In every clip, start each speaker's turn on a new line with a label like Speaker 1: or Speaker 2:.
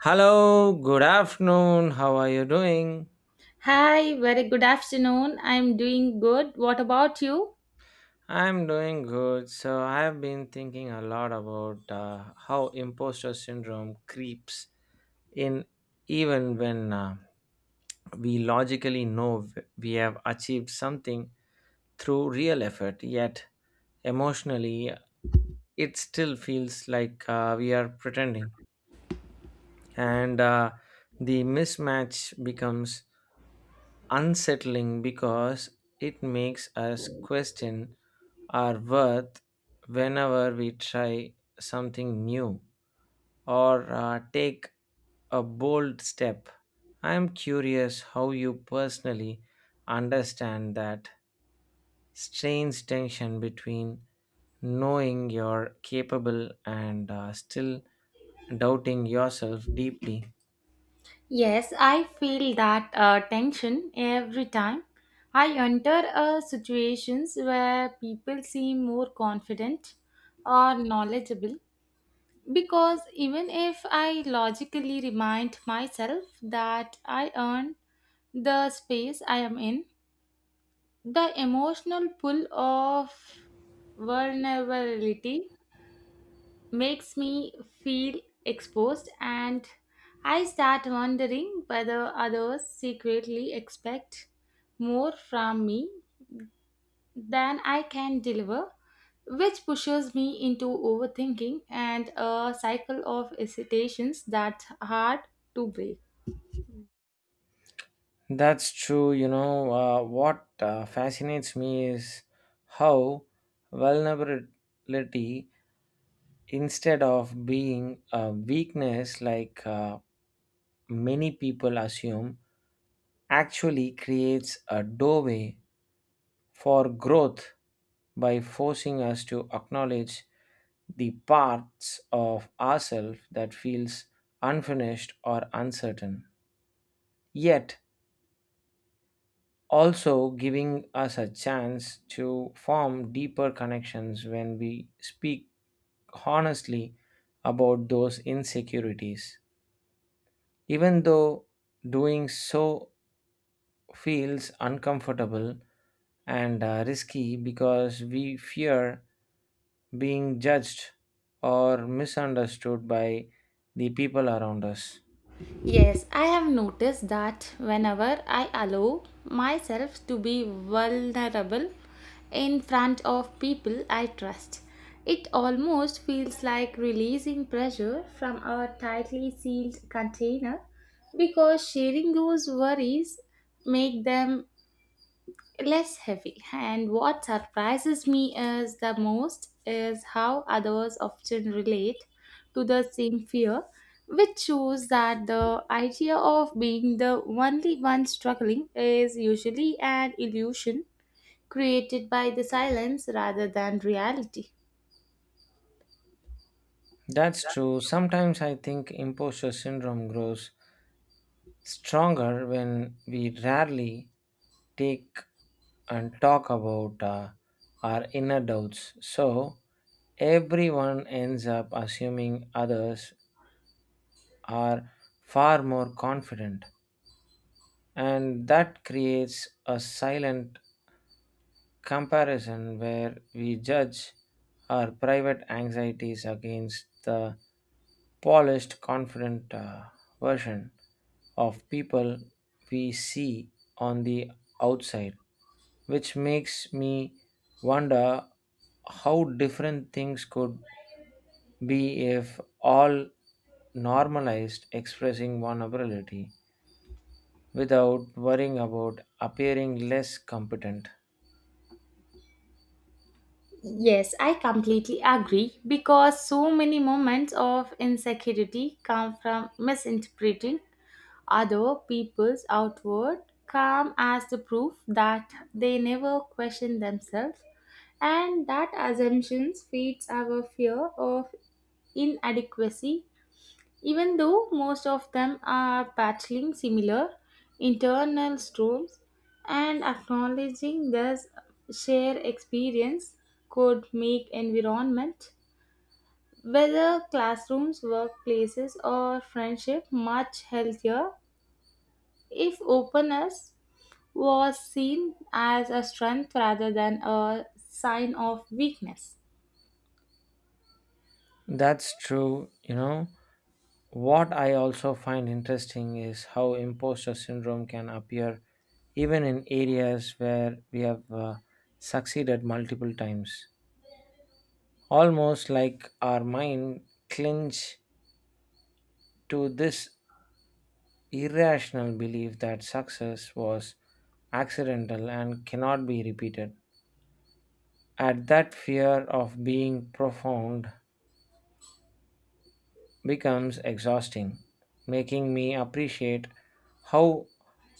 Speaker 1: Hello, good afternoon. How are you doing?
Speaker 2: Hi, very good afternoon. I'm doing good. What about you?
Speaker 1: I'm doing good. So, I've been thinking a lot about how imposter syndrome creeps in even when we logically know we have achieved something through real effort, yet emotionally, it still feels like we are pretending. And the mismatch becomes unsettling because it makes us question our worth whenever we try something new or take a bold step. I am curious how you personally understand that strange tension between knowing you're capable and still doubting yourself deeply.
Speaker 2: Yes, I feel that tension every time I enter situations where people seem more confident or knowledgeable. Because even if I logically remind myself that I earned the space I am in, the emotional pull of vulnerability makes me feel exposed and I start wondering whether others secretly expect more from me than I can deliver, which pushes me into overthinking and a cycle of hesitations that's hard to break.
Speaker 1: That's true. You know, what fascinates me is how vulnerability, instead of being a weakness like many people assume, actually creates a doorway for growth by forcing us to acknowledge the parts of ourselves that feels unfinished or uncertain. Yet, also giving us a chance to form deeper connections when we speak honestly about those insecurities. Even though doing so feels uncomfortable and risky because we fear being judged or misunderstood by the people around us.
Speaker 2: Yes, I have noticed that whenever I allow myself to be vulnerable in front of people I trust, it almost feels like releasing pressure from a tightly sealed container because sharing those worries make them less heavy. And what surprises me is the most is how others often relate to the same fear, which shows that the idea of being the only one struggling is usually an illusion created by the silence rather than reality.
Speaker 1: That's true. Sometimes I think imposter syndrome grows stronger when we rarely take and talk about our inner doubts. So, everyone ends up assuming others are far more confident, and that creates a silent comparison where we judge our private anxieties against the polished, confident version of people we see on the outside. Which makes me wonder how different things could be if all normalized expressing vulnerability without worrying about appearing less competent.
Speaker 2: Yes, I completely agree because so many moments of insecurity come from misinterpreting other people's outward calm as the proof that they never question themselves and that assumptions feeds our fear of inadequacy even though most of them are battling similar internal storms and acknowledging this shared experience could make environment whether classrooms workplaces or friendship much healthier if openness was seen as a strength rather than a sign of weakness.
Speaker 1: That's true, you know. What I also find interesting is how imposter syndrome can appear even in areas where we have succeeded multiple times. Almost like our mind clinch to this irrational belief that success was accidental and cannot be repeated. At that fear of being profound becomes exhausting, making me appreciate how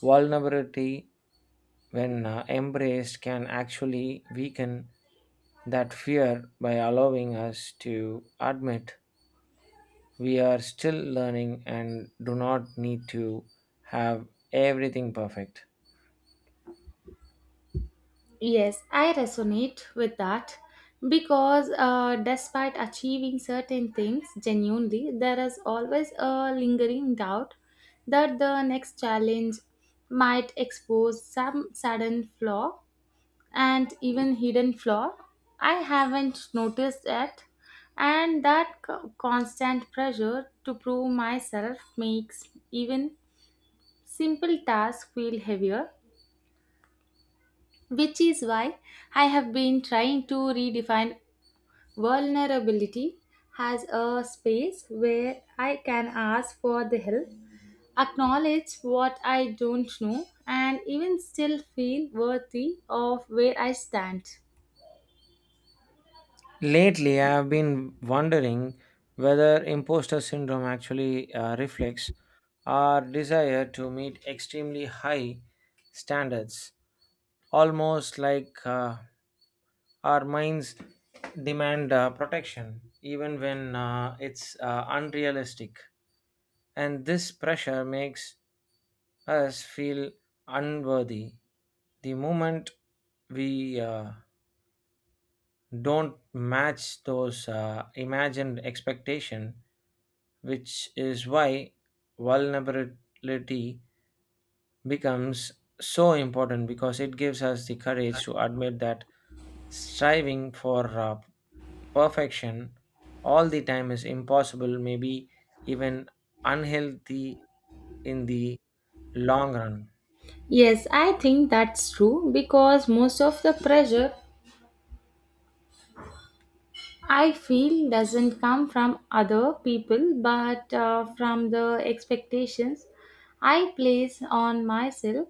Speaker 1: vulnerability, when embraced, can actually weaken that fear by allowing us to admit we are still learning and do not need to have everything perfect.
Speaker 2: Yes, I resonate with that because despite achieving certain things genuinely, there is always a lingering doubt that the next challenge might expose some sudden flaw and even hidden flaw I haven't noticed yet. And that constant pressure to prove myself makes even simple tasks feel heavier, which is why I have been trying to redefine vulnerability as a space where I can ask for the help, acknowledge what I don't know, and even still feel worthy of where I stand.
Speaker 1: Lately, I've been wondering whether imposter syndrome actually reflects our desire to meet extremely high standards, almost like our minds demand protection, even when it's unrealistic. And this pressure makes us feel unworthy the moment we don't match those imagined expectation, which is why vulnerability becomes so important because it gives us the courage to admit that striving for perfection all the time is impossible, maybe even unhealthy in the long run.
Speaker 2: Yes, I think that's true because most of the pressure I feel doesn't come from other people but from the expectations I place on myself.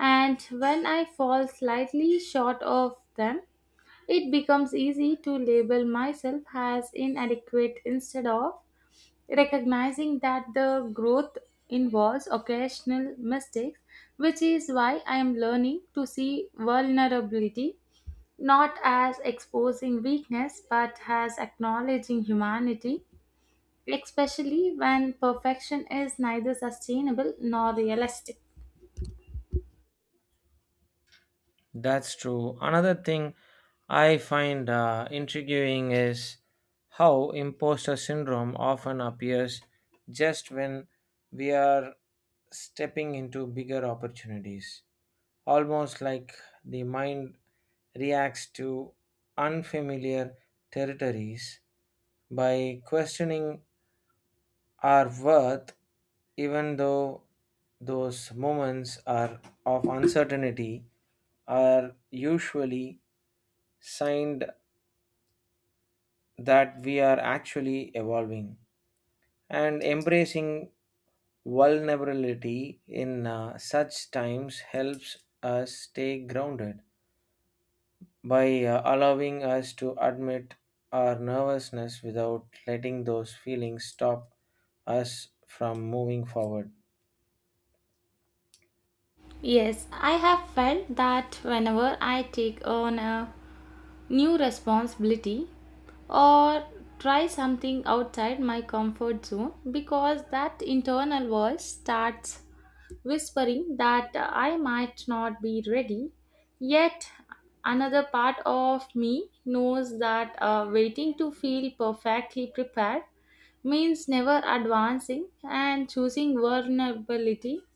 Speaker 2: And when I fall slightly short of them, it becomes easy to label myself as inadequate instead of recognizing that the growth involves occasional mistakes, which is why I am learning to see vulnerability not as exposing weakness but as acknowledging humanity, especially when perfection is neither sustainable nor realistic.
Speaker 1: That's true. Another thing I find intriguing is how imposter syndrome often appears just when we are stepping into bigger opportunities. Almost like the mind reacts to unfamiliar territories by questioning our worth, even though those moments are of uncertainty are usually signed that we are actually evolving and embracing vulnerability in such times helps us stay grounded by allowing us to admit our nervousness without letting those feelings stop us from moving forward.
Speaker 2: Yes, I have felt that whenever I take on a new responsibility or try something outside my comfort zone because that internal voice starts whispering that I might not be ready. Yet another part of me knows that waiting to feel perfectly prepared means never advancing and choosing vulnerability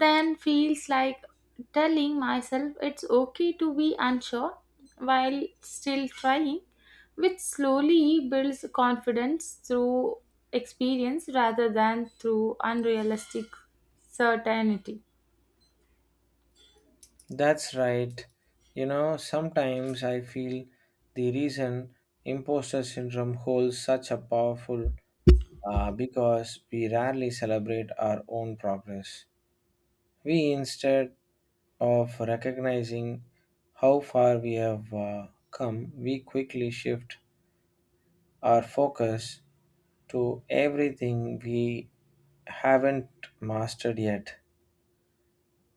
Speaker 2: then feels like telling myself it's okay to be unsure while still trying, which slowly builds confidence through experience rather than through unrealistic certainty.
Speaker 1: That's right, you know. Sometimes I feel the reason imposter syndrome holds such a powerful because we rarely celebrate our own progress. We instead of recognizing how far we have come, we quickly shift our focus to everything we haven't mastered yet,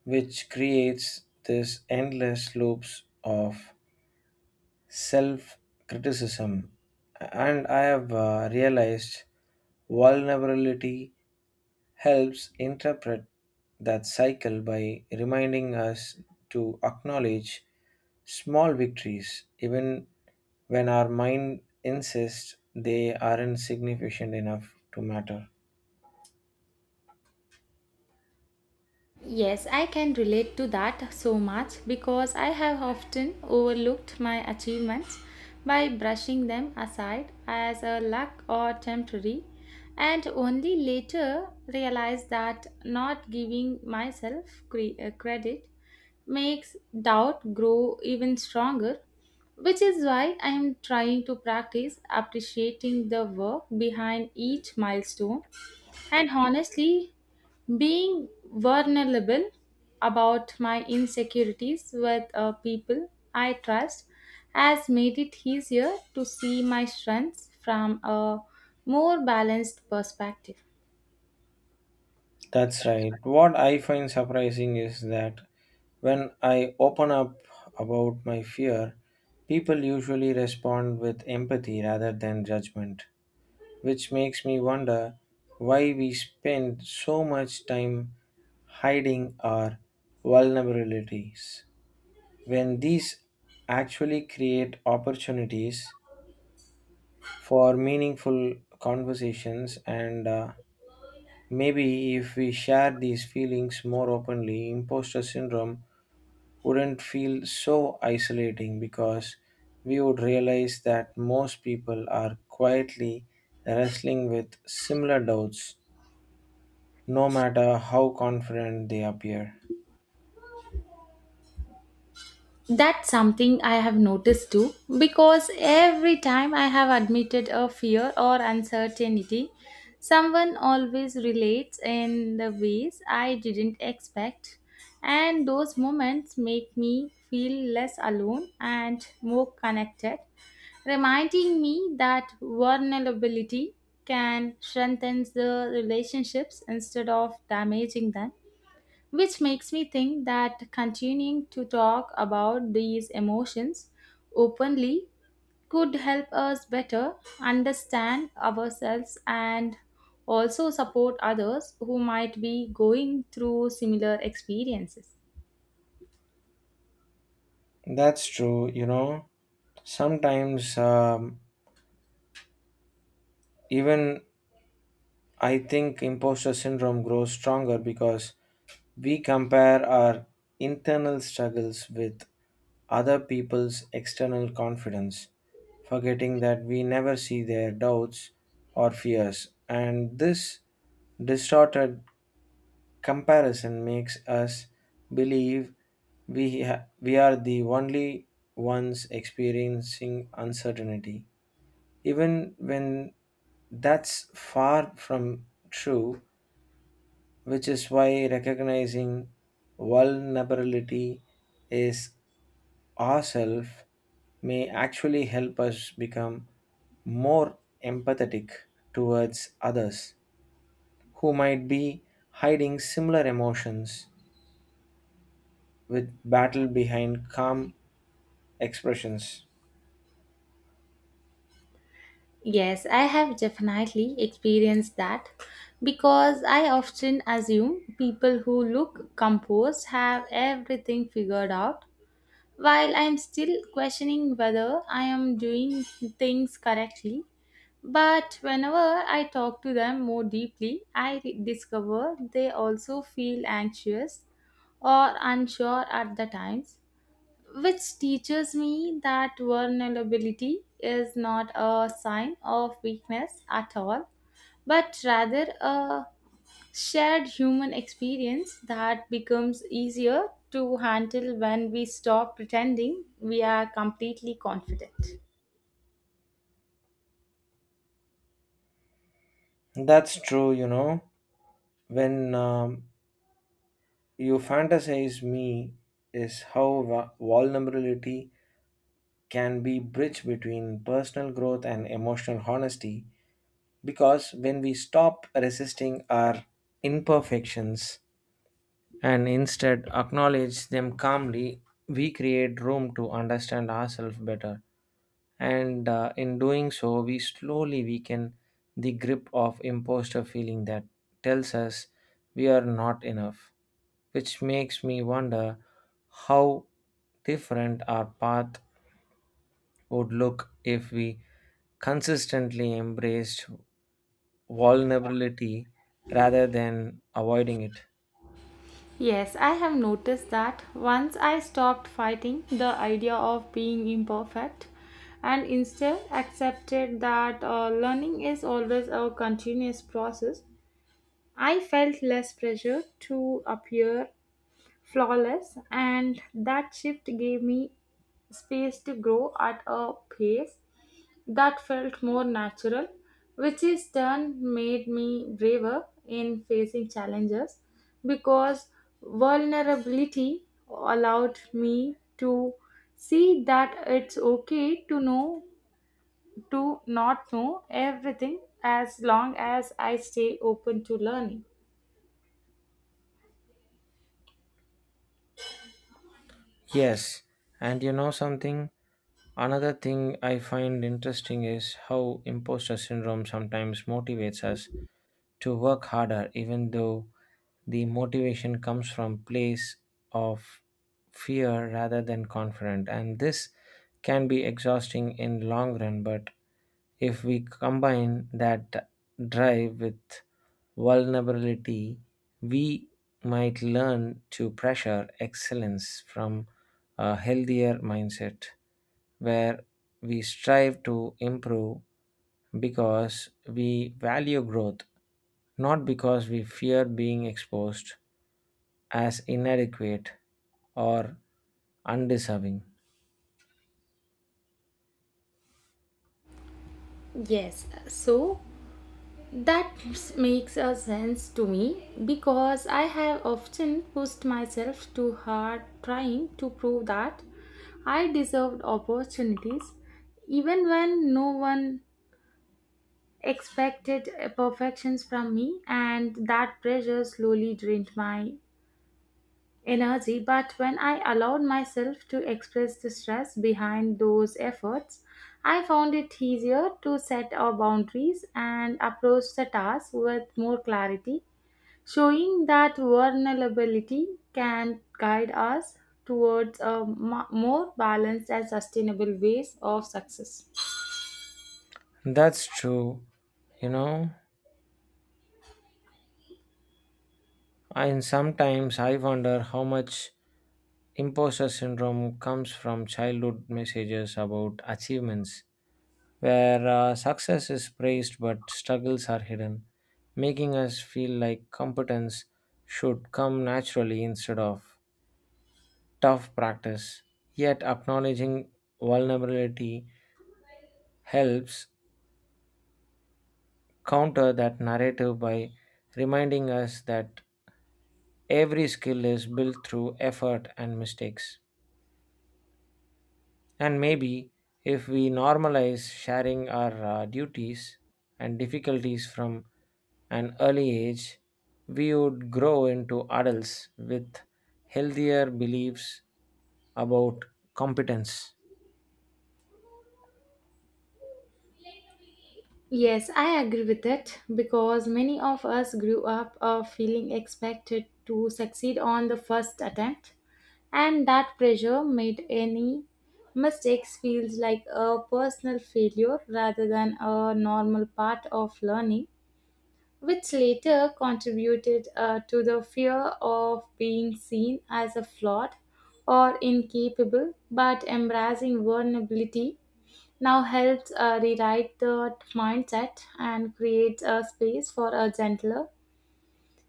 Speaker 1: which creates this endless loops of self criticism. And I have realized vulnerability helps interpret that cycle by reminding us to acknowledge small victories even when our mind insists they aren't significant enough to matter.
Speaker 2: Yes, I can relate to that so much because I have often overlooked my achievements by brushing them aside as a luck or temporary, and only later realized that not giving myself credit makes doubt grow even stronger, which is why I am trying to practice appreciating the work behind each milestone. And honestly, being vulnerable about my insecurities with people I trust has made it easier to see my strengths from a more balanced perspective.
Speaker 1: That's right. What I find surprising is that when I open up about my fear, people usually respond with empathy rather than judgment, which makes me wonder why we spend so much time hiding our vulnerabilities when these actually create opportunities for meaningful conversations. And maybe if we share these feelings more openly, imposter syndrome wouldn't feel so isolating because we would realize that most people are quietly wrestling with similar doubts no matter how confident they appear.
Speaker 2: That's something I have noticed too, because every time I have admitted a fear or uncertainty, someone always relates in the ways I didn't expect, and those moments make me feel less alone and more connected, reminding me that vulnerability can strengthen the relationships instead of damaging them. Which makes me think that continuing to talk about these emotions openly could help us better understand ourselves and also support others who might be going through similar experiences.
Speaker 1: That's true, you know. Sometimes, even I think imposter syndrome grows stronger because we compare our internal struggles with other people's external confidence, forgetting that we never see their doubts or fears. And this distorted comparison makes us believe we are the only ones experiencing uncertainty, even when that's far from true, which is why recognizing vulnerability is ourself may actually help us become more empathetic towards others who might be hiding similar emotions with battle behind calm expressions.
Speaker 2: Yes, I have definitely experienced that because I often assume people who look composed have everything figured out while I'm still questioning whether I am doing things correctly. But whenever I talk to them more deeply, I discover they also feel anxious or unsure at the times, which teaches me that vulnerability is not a sign of weakness at all, but rather a shared human experience that becomes easier to handle when we stop pretending we are completely confident.
Speaker 1: That's true, you know. When you fantasize me is how vulnerability can be bridge between personal growth and emotional honesty because when we stop resisting our imperfections and instead acknowledge them calmly, we create room to understand ourselves better. And in doing so, we slowly weaken the grip of imposter feeling that tells us we are not enough, which makes me wonder how different our path would look if we consistently embraced vulnerability rather than avoiding it.
Speaker 2: Yes, I have noticed that once I stopped fighting the idea of being imperfect and instead accepted that learning is always a continuous process, I felt less pressure to appear flawless, and that shift gave me space to grow at a pace that felt more natural, which in turn made me braver in facing challenges because vulnerability allowed me to see that it's okay to know to not know everything as long as I stay open to learning.
Speaker 1: Yes, and you know something? Another thing I find interesting is how imposter syndrome sometimes motivates us to work harder, even though the motivation comes from place of fear rather than confident. And this can be exhausting in long run, but if we combine that drive with vulnerability, we might learn to pressure excellence from a healthier mindset where we strive to improve because we value growth, not because we fear being exposed as inadequate or undeserving.
Speaker 2: Yes, so that makes a sense to me because I have often pushed myself too hard trying to prove that I deserved opportunities even when no one expected perfections from me and that pressure slowly drained my energy but when I allowed myself to express the stress behind those efforts I found it easier to set our boundaries and approach the task with more clarity, showing that vulnerability can guide us towards a more balanced and sustainable ways of success.
Speaker 1: That's true, you know. And sometimes I wonder how much imposter syndrome comes from childhood messages about achievements where success is praised but struggles are hidden, making us feel like competence should come naturally instead of tough practice. Yet, acknowledging vulnerability helps counter that narrative by reminding us that every skill is built through effort and mistakes. And maybe if we normalize sharing our duties and difficulties from an early age, we would grow into adults with healthier beliefs about competence.
Speaker 2: Yes, I agree with it because many of us grew up feeling expected to succeed on the first attempt, and that pressure made any mistakes feels like a personal failure rather than a normal part of learning which later contributed to the fear of being seen as a flawed or incapable, but embracing vulnerability now helps rewrite the mindset and creates a space for a gentler,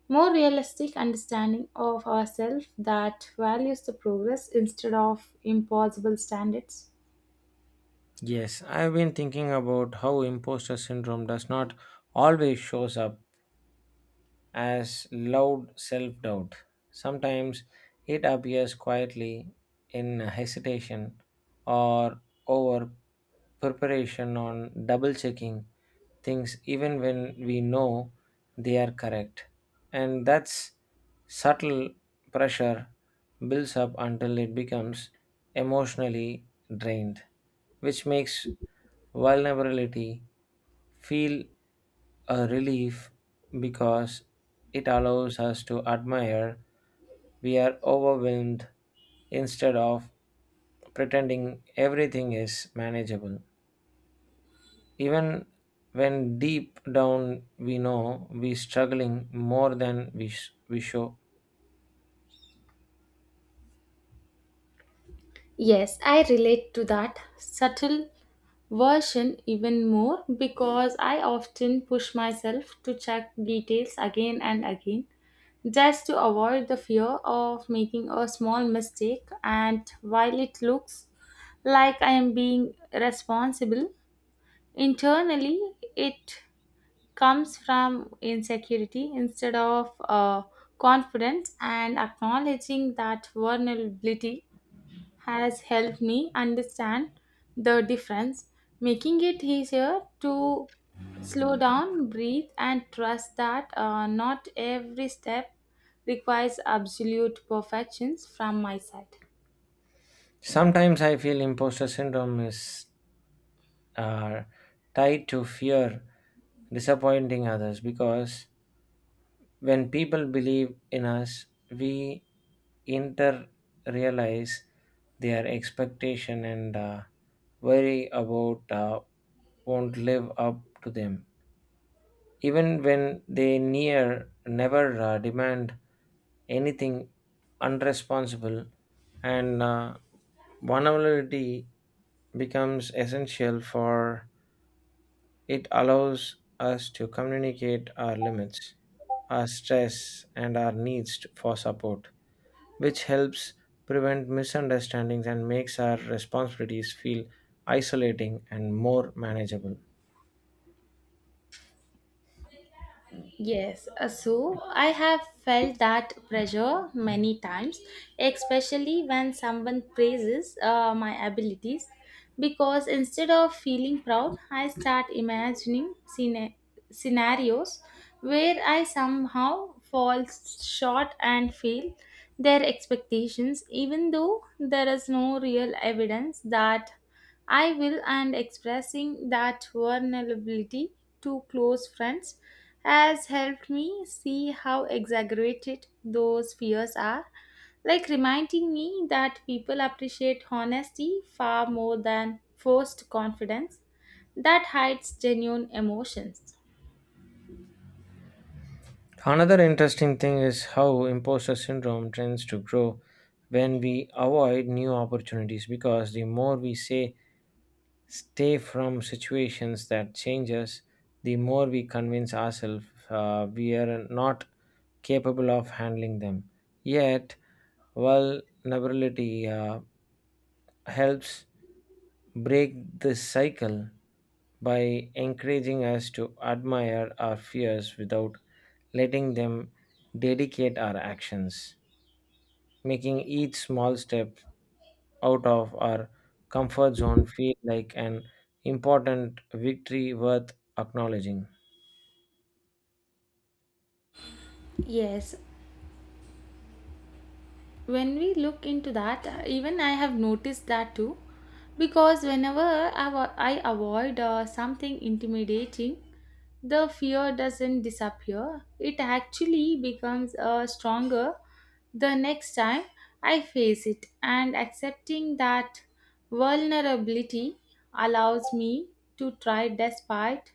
Speaker 2: more realistic understanding of ourselves that values the progress instead of impossible standards.
Speaker 1: Yes, I've been thinking about how imposter syndrome does not always shows up as loud self doubt. Sometimes it appears quietly in hesitation or over preparation on double checking things, even when we know they are correct. And that's subtle pressure builds up until it becomes emotionally drained, which makes vulnerability feel a relief because it allows us to admire we are overwhelmed instead of pretending everything is manageable. Even when deep down we know we're struggling more than we show.
Speaker 2: Yes, I relate to that subtle version even more because I often push myself to check details again and again just to avoid the fear of making a small mistake. And while it looks like I am being responsible, internally it comes from insecurity instead of confidence and acknowledging that vulnerability has helped me understand the difference, making it easier to slow down, breathe, and trust that not every step requires absolute perfections from my side.
Speaker 1: Sometimes I feel imposter syndrome is uh, tied to fear disappointing others because when people believe in us, we inter realize their expectation and worry about won't live up to them. Even when they near never demand anything unresponsible, and vulnerability becomes essential for it allows us to communicate our limits, our stress, and our needs for support, which helps prevent misunderstandings and makes our responsibilities feel isolating and more manageable.
Speaker 2: Yes, so I have felt that pressure many times, especially when someone praises my abilities. Because instead of feeling proud, I start imagining scenarios where I somehow fall short and fail their expectations, even though there is no real evidence that I will, and expressing that vulnerability to close friends has helped me see how exaggerated those fears are, like reminding me that people appreciate honesty far more than forced confidence that hides genuine emotions.
Speaker 1: Another interesting thing is how imposter syndrome tends to grow when we avoid new opportunities because the more we say stay from situations that change us, the more we convince ourselves we are not capable of handling them. Yet, vulnerability helps break this cycle by encouraging us to admire our fears without letting them dedicate our actions, making each small step out of our comfort zone feel like an important victory worth acknowledging.
Speaker 2: Yes, when we look into that, even I have noticed that too. Because whenever I avoid something intimidating, the fear doesn't disappear, it actually becomes stronger the next time I face it. And accepting that vulnerability allows me to try despite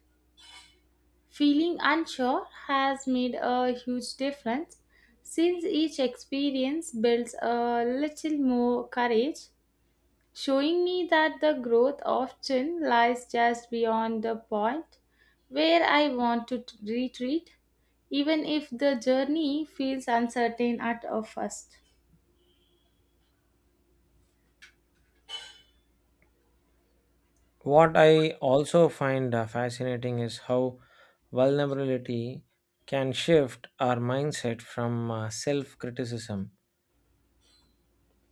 Speaker 2: feeling unsure has made a huge difference since each experience builds a little more courage showing me that the growth often lies just beyond the point where I want to retreat, even if the journey feels uncertain at a first.
Speaker 1: What I also find fascinating is how vulnerability can shift our mindset from self criticism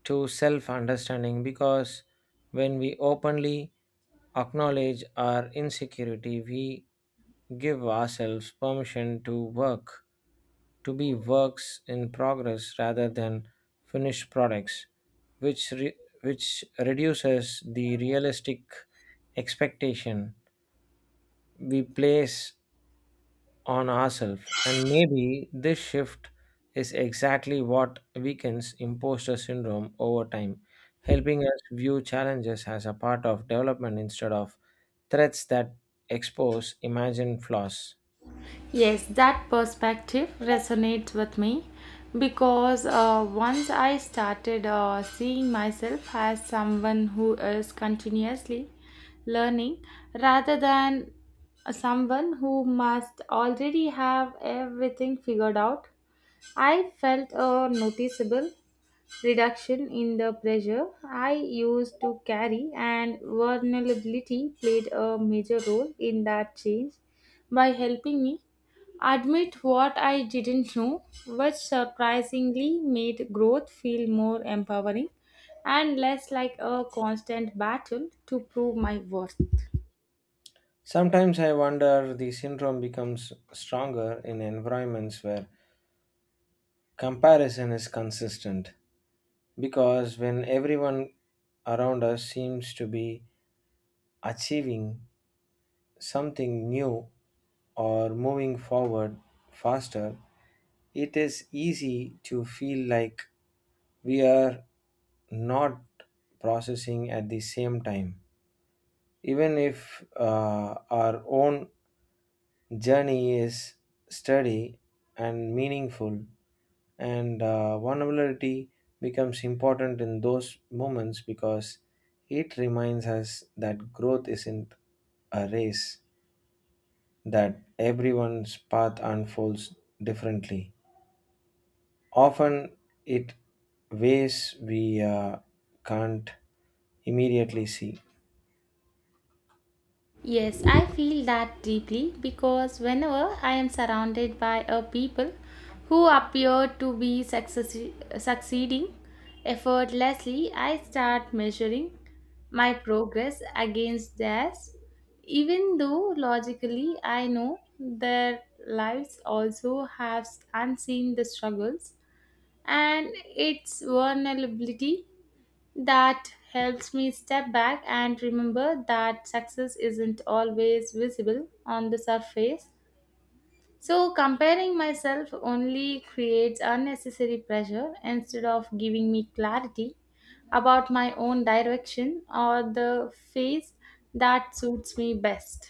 Speaker 1: to self understanding because when we openly acknowledge our insecurity, we give ourselves permission to work, to be works in progress rather than finished products, which reduces the realistic expectation we place on ourselves. And maybe this shift is exactly what weakens imposter syndrome over time, helping us view challenges as a part of development instead of threats that expose imagined flaws.
Speaker 2: Yes, that perspective resonates with me because once I started seeing myself as someone who is continuously learning rather than someone who must already have everything figured out, I felt a noticeable reduction in the pressure I used to carry, and vulnerability played a major role in that change by helping me admit what I didn't know, which surprisingly made growth feel more empowering and less like a constant battle to prove my worth.
Speaker 1: Sometimes I wonder the syndrome becomes stronger in environments where comparison is consistent because when everyone around us seems to be achieving something new or moving forward faster, it is easy to feel like we are not processing at the same time. Even if our own journey is steady and meaningful, and vulnerability becomes important in those moments because it reminds us that growth isn't a race, that everyone's path unfolds differently. Often, it ways we can't immediately see.
Speaker 2: Yes, I feel that deeply because whenever I am surrounded by a people who appear to be succeeding effortlessly, I start measuring my progress against theirs, even though logically I know their lives also have unseen the struggles and its vulnerability that helps me step back and remember that success isn't always visible on the surface. So, comparing myself only creates unnecessary pressure instead of giving me clarity about my own direction or the phase that suits me best.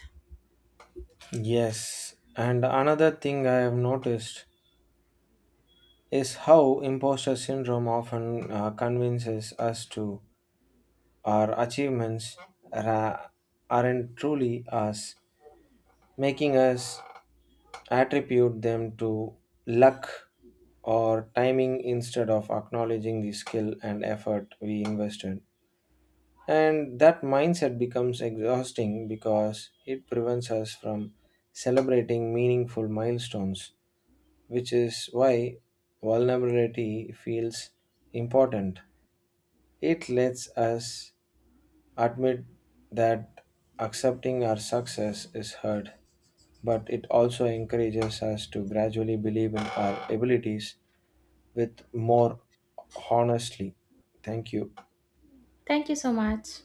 Speaker 1: Yes, and another thing I have noticed is how imposter syndrome often convinces us to our achievements ra- aren't truly us, making us attribute them to luck or timing instead of acknowledging the skill and effort we invested. And that mindset becomes exhausting because it prevents us from celebrating meaningful milestones, which is why vulnerability feels important. It lets us admit that accepting our success is hard, but it also encourages us to gradually believe in our abilities with more honestly. Thank you.
Speaker 2: Thank you so much.